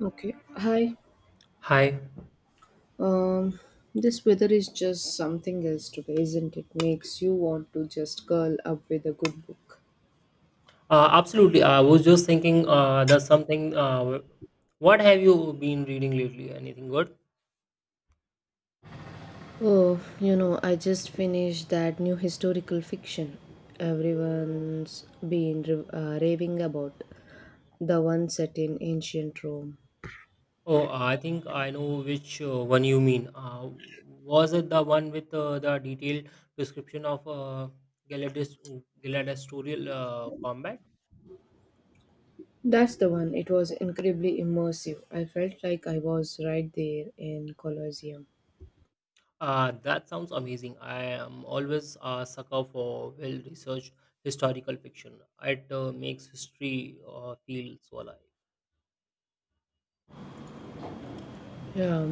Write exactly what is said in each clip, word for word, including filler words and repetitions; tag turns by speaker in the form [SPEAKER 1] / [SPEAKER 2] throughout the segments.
[SPEAKER 1] Okay. Hi.
[SPEAKER 2] Hi.
[SPEAKER 1] Um, this weather is just something else today, isn't it? Makes you want to just curl up with a good book.
[SPEAKER 2] Uh, absolutely. I was just thinking uh, there's something. Uh, what have you been reading lately? Anything good?
[SPEAKER 1] Oh, you know, I just finished that new historical fiction everyone's been ra- uh, raving about, the one set in ancient Rome.
[SPEAKER 2] Oh, I think I know which uh, one you mean. Uh, was it the one with uh, the detailed description of uh, Galadis- gladiatorial uh, combat?
[SPEAKER 1] That's the one. It was incredibly immersive. I felt like I was right there in Colosseum.
[SPEAKER 2] Uh, that sounds amazing. I am always a sucker for well researched historical fiction. It uh, makes history uh, feel so alive.
[SPEAKER 1] Yeah.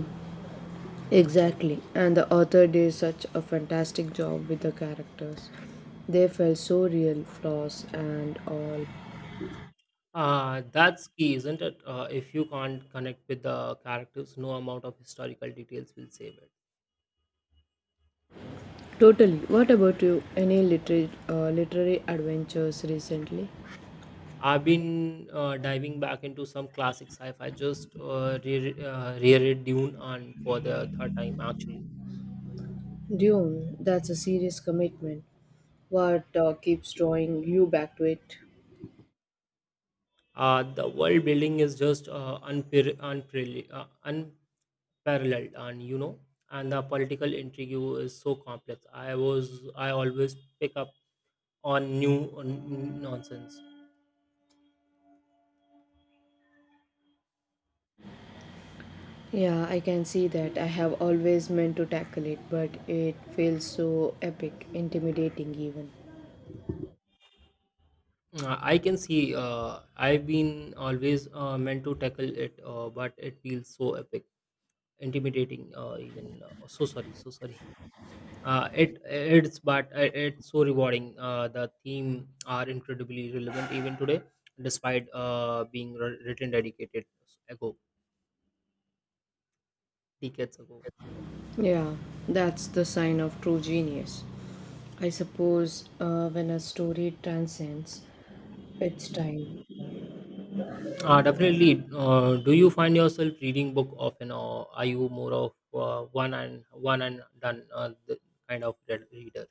[SPEAKER 1] Exactly, and the author did such a fantastic job with the characters. They felt so real, flaws and all.
[SPEAKER 2] Uh, that's key, isn't it? Uh, if you can't connect with the characters, no amount of historical details will save it.
[SPEAKER 1] Totally. What about you? Any literary, uh, literary adventures recently?
[SPEAKER 2] I've been uh, diving back into some classic sci-fi. Just uh, re- uh, reread Dune and for the third time actually.
[SPEAKER 1] Dune, that's a serious commitment. What uh, keeps drawing you back to it?
[SPEAKER 2] Uh, the world building is just uh, unpar- unparalleled, uh, unparalleled, and you know, and the political intrigue is so complex. I was I always pick up on new on nonsense.
[SPEAKER 1] Yeah, I can see that. I have always meant to tackle it, but it feels so epic, intimidating even.
[SPEAKER 2] Uh, I can see. Uh, I've been always uh, meant to tackle it, uh, but it feels so epic, intimidating. Uh, even uh, so sorry, so sorry. Uh, it it's but uh, It's so rewarding. Uh, the theme are incredibly relevant even today, despite uh, being wr- written dedicated ago, decades ago.
[SPEAKER 1] Yeah, that's the sign of true genius. I suppose uh, when a story transcends its time.
[SPEAKER 2] Uh, definitely. Uh, do you find yourself reading book often, or are you more of uh, one and one and done uh, the kind of read- reader?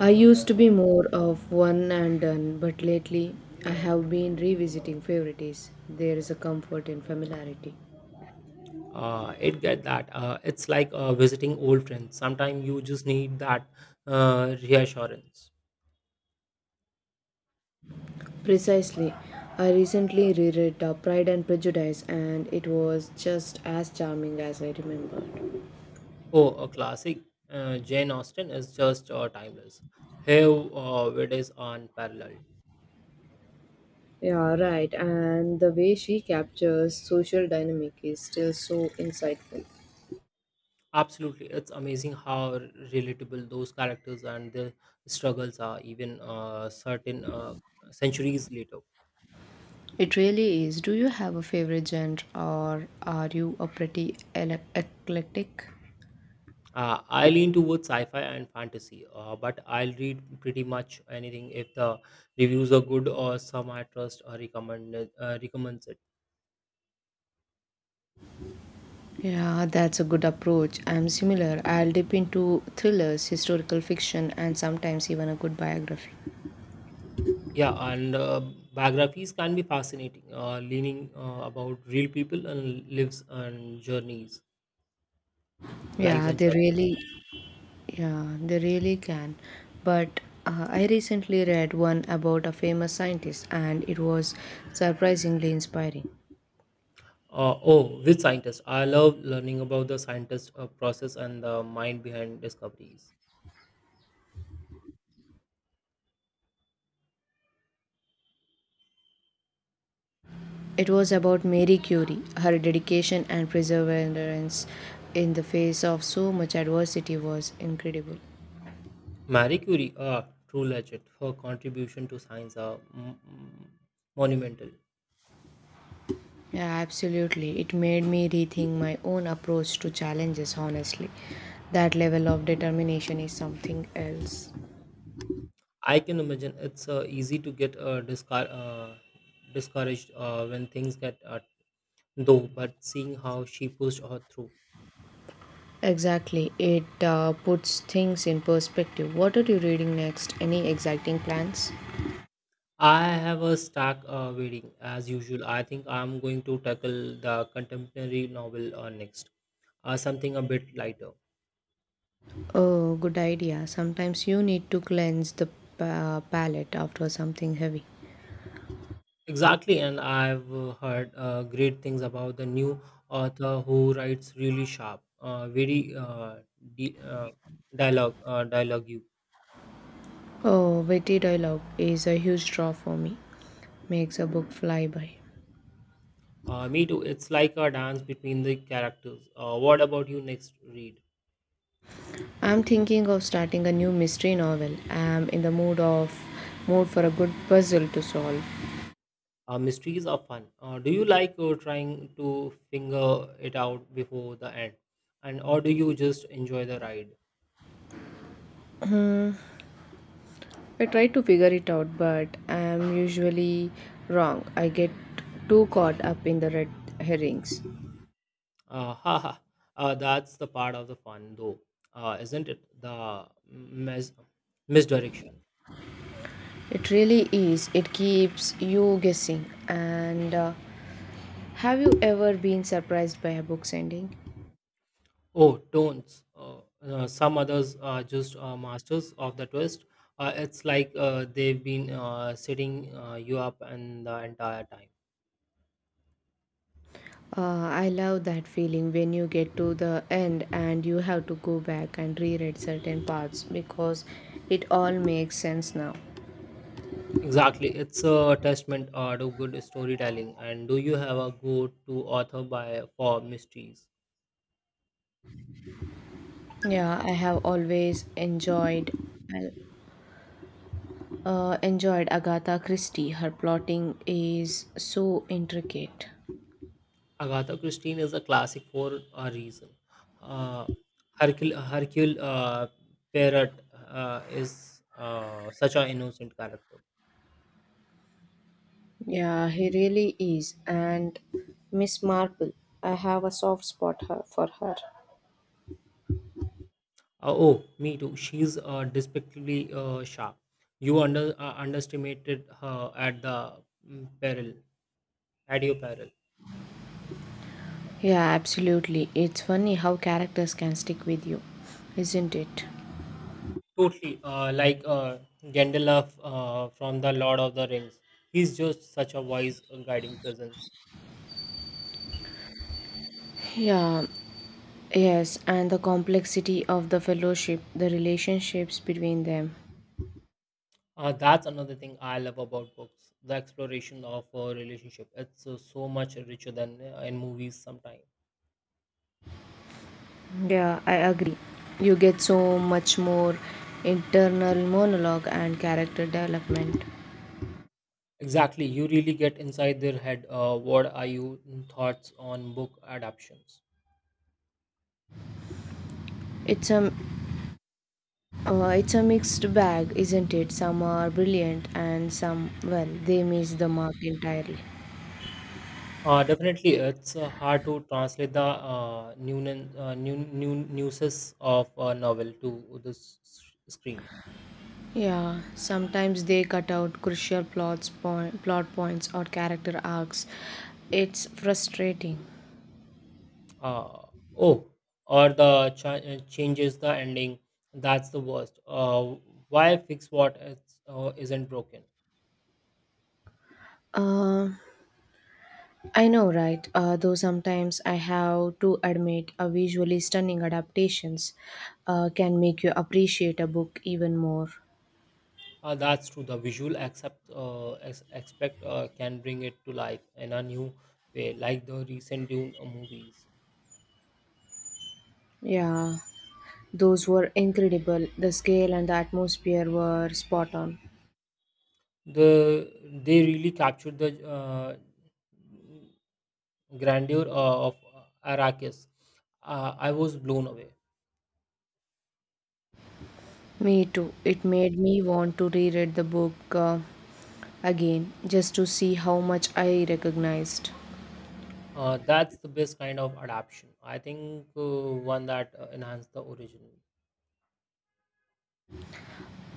[SPEAKER 1] I used to be more of one and done, but lately I have been revisiting favorites. There is a comfort in familiarity.
[SPEAKER 2] uh, It get that uh, it's like uh, visiting old friends sometimes you just need that uh, reassurance.
[SPEAKER 1] Precisely, I recently reread uh, Pride and Prejudice, and it was just as charming as I remembered.
[SPEAKER 2] Oh, a classic. Uh, jane Austen is just uh, timeless. Her uh, wit is unparalleled.
[SPEAKER 1] Yeah, right, and the way she captures social dynamic is still so insightful.
[SPEAKER 2] Absolutely, it's amazing how r- relatable those characters and their struggles are even uh, certain uh, centuries later.
[SPEAKER 1] It really is. Do you have a favorite genre or are you a pretty ele- eclectic?
[SPEAKER 2] Uh, I lean towards sci-fi and fantasy, uh, but I'll read pretty much anything if the reviews are good or some I trust or recommend uh, recommends it.
[SPEAKER 1] Yeah, that's a good approach. I'm similar. I'll dip into thrillers, historical fiction, and sometimes even a good biography.
[SPEAKER 2] Yeah, and uh, biographies can be fascinating, uh, leaning uh, about real people and lives and journeys, lives
[SPEAKER 1] Yeah,
[SPEAKER 2] and
[SPEAKER 1] they
[SPEAKER 2] journeys.
[SPEAKER 1] really Yeah, they really can. But uh, I recently read one about a famous scientist, and it was surprisingly inspiring.
[SPEAKER 2] Uh, oh, with scientists, I love learning about the scientist uh, process and the mind behind discoveries.
[SPEAKER 1] It was about Marie Curie, her dedication and perseverance in the face of so much adversity was incredible.
[SPEAKER 2] Marie Curie, uh, true legend. Her contribution to science are mm, mm, monumental.
[SPEAKER 1] Yeah, absolutely. It made me rethink my own approach to challenges, honestly. That level of determination is something else.
[SPEAKER 2] I can imagine it's uh, easy to get uh, discar- uh, discouraged uh, when things get uh, though, but seeing how she pushed her through.
[SPEAKER 1] Exactly. It uh, puts things in perspective. What are you reading next? Any exciting plans?
[SPEAKER 2] I have a stack uh, waiting as usual. I think I'm going to tackle the contemporary novel uh, next, uh, something a bit lighter.
[SPEAKER 1] Oh, good idea. Sometimes you need to cleanse the pa- palate after something heavy.
[SPEAKER 2] Exactly, and I've uh, heard uh, great things about the new author who writes really sharp, uh, very uh, di- uh, dialogue, uh, dialogue. You.
[SPEAKER 1] Oh, witty dialogue is a huge draw for me. Makes a book fly by.
[SPEAKER 2] Uh, me too. It's like a dance between the characters. Uh, what about you next read?
[SPEAKER 1] I'm thinking of starting a new mystery novel. I'm in the mood of mood for a good puzzle to solve.
[SPEAKER 2] Uh, mysteries are fun. Uh, do you like uh, trying to finger it out before the end? And or do you just enjoy the ride?
[SPEAKER 1] I try to figure it out, but I'm usually wrong. I get too caught up in the red herrings.
[SPEAKER 2] Uh, haha. Uh, that's the part of the fun though, uh, isn't it? The mis- misdirection.
[SPEAKER 1] It really is. It keeps you guessing. And uh, have you ever been surprised by a book's ending?
[SPEAKER 2] Oh, don't. Uh, uh, some others are just uh, masters of the twist. Uh, it's like uh, they've been uh, setting uh, you up and the entire time.
[SPEAKER 1] Uh, I love that feeling when you get to the end and you have to go back and reread certain parts because it all makes sense now.
[SPEAKER 2] Exactly. It's a testament uh, to good storytelling. And do you have a go-to author by for mysteries?
[SPEAKER 1] Yeah, I have always enjoyed uh, enjoyed Agatha Christie. Her plotting is so intricate.
[SPEAKER 2] Agatha Christie is a classic for a reason. Uh, Hercule, Hercule uh, Poirot uh, is uh, such an innocent character.
[SPEAKER 1] Yeah, he really is. And Miss Marple, I have a soft spot her, for her.
[SPEAKER 2] Uh, oh, me too. She's uh, despicably uh, sharp. You under uh, underestimated her at the mm, peril, at your peril.
[SPEAKER 1] Yeah, absolutely. It's funny how characters can stick with you, isn't it?
[SPEAKER 2] Totally, uh, like uh, Gandalf uh, from the Lord of the Rings. He's just such a wise, uh, guiding presence.
[SPEAKER 1] Yeah, Yes, and the complexity of the fellowship, the relationships between them.
[SPEAKER 2] Uh, that's another thing I love about books the exploration of a relationship. It's uh, so much richer than uh, in movies sometimes.
[SPEAKER 1] Yeah, I agree. You get so much more internal monologue and character development.
[SPEAKER 2] Exactly, you really get inside their head. Uh, what are your thoughts on book adaptations?
[SPEAKER 1] It's a uh, it's a mixed bag, isn't it? Some are brilliant and some well, they miss the mark entirely.
[SPEAKER 2] Uh, definitely, it's uh, hard to translate the uh, new, uh, new, new nuances of a novel to the s- s- screen.
[SPEAKER 1] Yeah, sometimes they cut out crucial plots point, plot points or character arcs. It's frustrating.
[SPEAKER 2] Uh, oh, or the ch- changes the ending. That's the worst. Uh, why fix what is, uh, isn't broken?
[SPEAKER 1] Uh, I know, right? Uh, though sometimes I have to admit, a visually stunning adaptations uh, can make you appreciate a book even more.
[SPEAKER 2] Uh, that's true. The visual accept uh, ex- expect uh, can bring it to life in a new way, like the recent Dune uh, movies.
[SPEAKER 1] Yeah, those were incredible. The scale and the atmosphere were spot on.
[SPEAKER 2] The they really captured the uh, grandeur uh, of Arrakis. Uh, I was blown away.
[SPEAKER 1] Me too. It made me want to reread the book uh, again just to see how much I recognized.
[SPEAKER 2] Uh, that's the best kind of adaptation. I think uh, one that uh, enhanced the original.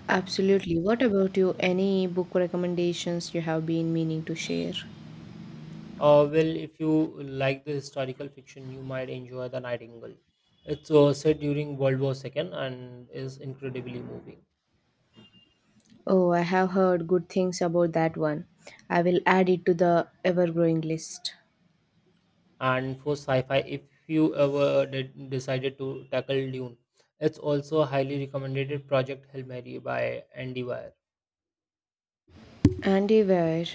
[SPEAKER 1] Absolutely. What about you? Any book recommendations you have been meaning to share?
[SPEAKER 2] Uh, well, if you like the historical fiction, you might enjoy The Nightingale. It's uh, set during World War two and is incredibly moving.
[SPEAKER 1] Oh, I have heard good things about that one. I will add it to the ever growing list.
[SPEAKER 2] And for sci-fi, if you ever did, decided to tackle Dune, it's also a highly recommended Project Hail Mary by Andy Weir.
[SPEAKER 1] Andy Weir.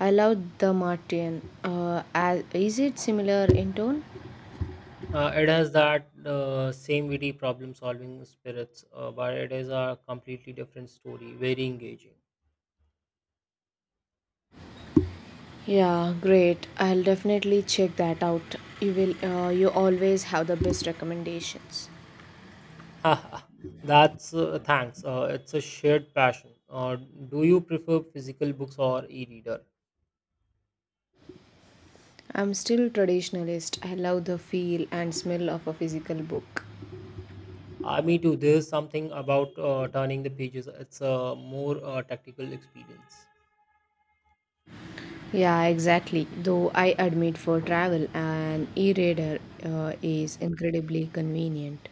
[SPEAKER 1] I love the Martian. Uh, as- is it similar in tone?
[SPEAKER 2] Uh, it has that uh, same witty problem-solving spirits, uh, but it is a completely different story, very engaging.
[SPEAKER 1] Yeah, great. I'll definitely check that out. You will. Uh, you always have the best recommendations.
[SPEAKER 2] That's uh, thanks. Uh, it's a shared passion. Uh, do you prefer physical books or e-reader?
[SPEAKER 1] I'm still traditionalist. I love the feel and smell of a physical book.
[SPEAKER 2] Uh, me too. There's something about uh, turning the pages. It's a more uh, tactical experience.
[SPEAKER 1] Yeah, exactly. Though I admit for travel, an e-reader uh, is incredibly convenient.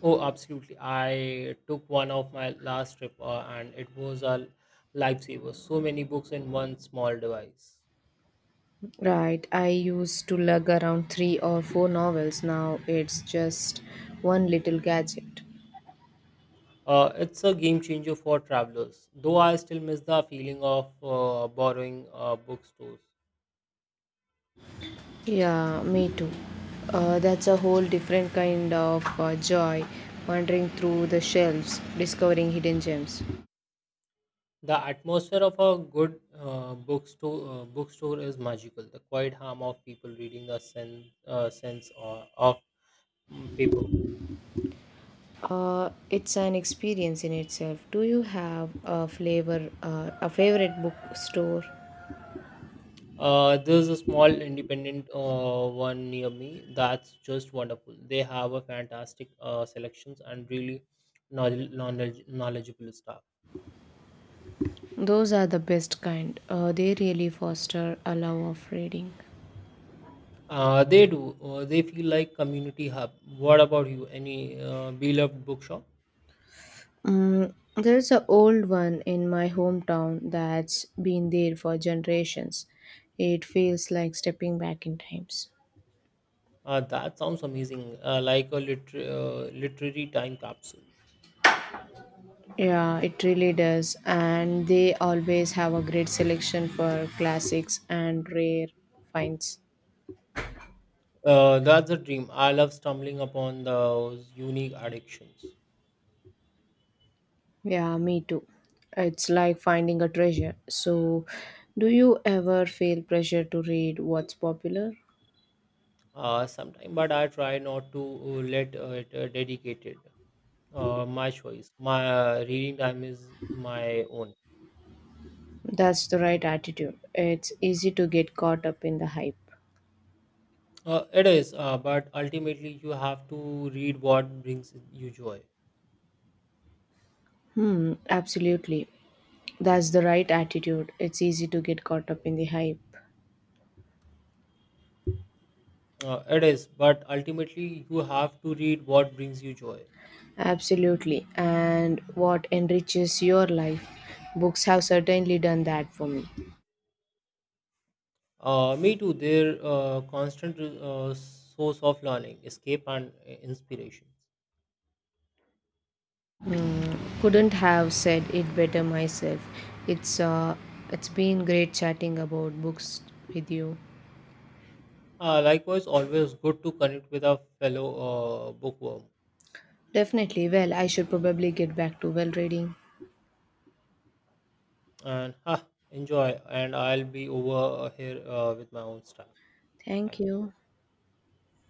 [SPEAKER 2] Oh, absolutely. I took one of my last trip, uh, and it was a lifesaver. So many books in one small device.
[SPEAKER 1] Right, I used to lug around three or four novels. Now it's just one little gadget.
[SPEAKER 2] Uh, it's a game changer for travelers. Though I still miss the feeling of uh, borrowing uh, bookstores.
[SPEAKER 1] Yeah, me too. Uh, that's a whole different kind of uh, joy, wandering through the shelves, discovering hidden gems.
[SPEAKER 2] The atmosphere of a good uh, bookstore uh, bookstore is magical. The quiet hum of people reading the sense uh, sense of, of mm, paper.
[SPEAKER 1] Uh, it's an experience in itself. Do you have a flavor, uh, a favorite bookstore?
[SPEAKER 2] Uh, there's a small independent uh, one near me that's just wonderful. They have a fantastic uh, selections and really knowledge, knowledge, knowledgeable staff.
[SPEAKER 1] Those are the best kind. Uh, they really foster a love of reading.
[SPEAKER 2] Uh, they do. Uh, they feel like community hub. What about you? Any uh, beloved bookshop?
[SPEAKER 1] Mm, there's an old one in my hometown that's been there for generations. It feels like stepping back in times.
[SPEAKER 2] Uh, that sounds amazing. Uh, like a liter- uh, literary time capsule.
[SPEAKER 1] Yeah, it really does. And they always have a great selection for classics and rare finds.
[SPEAKER 2] Uh, that's a dream. I love stumbling upon those unique addictions.
[SPEAKER 1] Yeah, me too. It's like finding a treasure. So, do you ever feel pressure to read what's popular?
[SPEAKER 2] Uh, sometimes, but I try not to uh, let uh, it uh, dedicated. Uh, my choice. My uh, reading time is my own.
[SPEAKER 1] That's the right attitude. It's easy to get caught up in the hype.
[SPEAKER 2] Uh, it is, uh, but ultimately you have to read what brings you joy.
[SPEAKER 1] Hmm, absolutely. That's the right attitude. It's easy to get caught up in the hype.
[SPEAKER 2] Uh, it is, but ultimately you have to read what brings you joy.
[SPEAKER 1] Absolutely. And what enriches your life? Books have certainly done that for me.
[SPEAKER 2] Uh, me too. Their uh, constant uh, source of learning, escape, and uh, inspiration.
[SPEAKER 1] Mm, couldn't have said it better myself. It's uh, it's been great chatting about books with you.
[SPEAKER 2] Uh, likewise, always good to connect with a fellow uh, bookworm.
[SPEAKER 1] Definitely. Well, I should probably get back to well reading.
[SPEAKER 2] And ha, enjoy. And I'll be over here uh, with my own stuff.
[SPEAKER 1] Thank
[SPEAKER 2] Thank you.
[SPEAKER 1] you.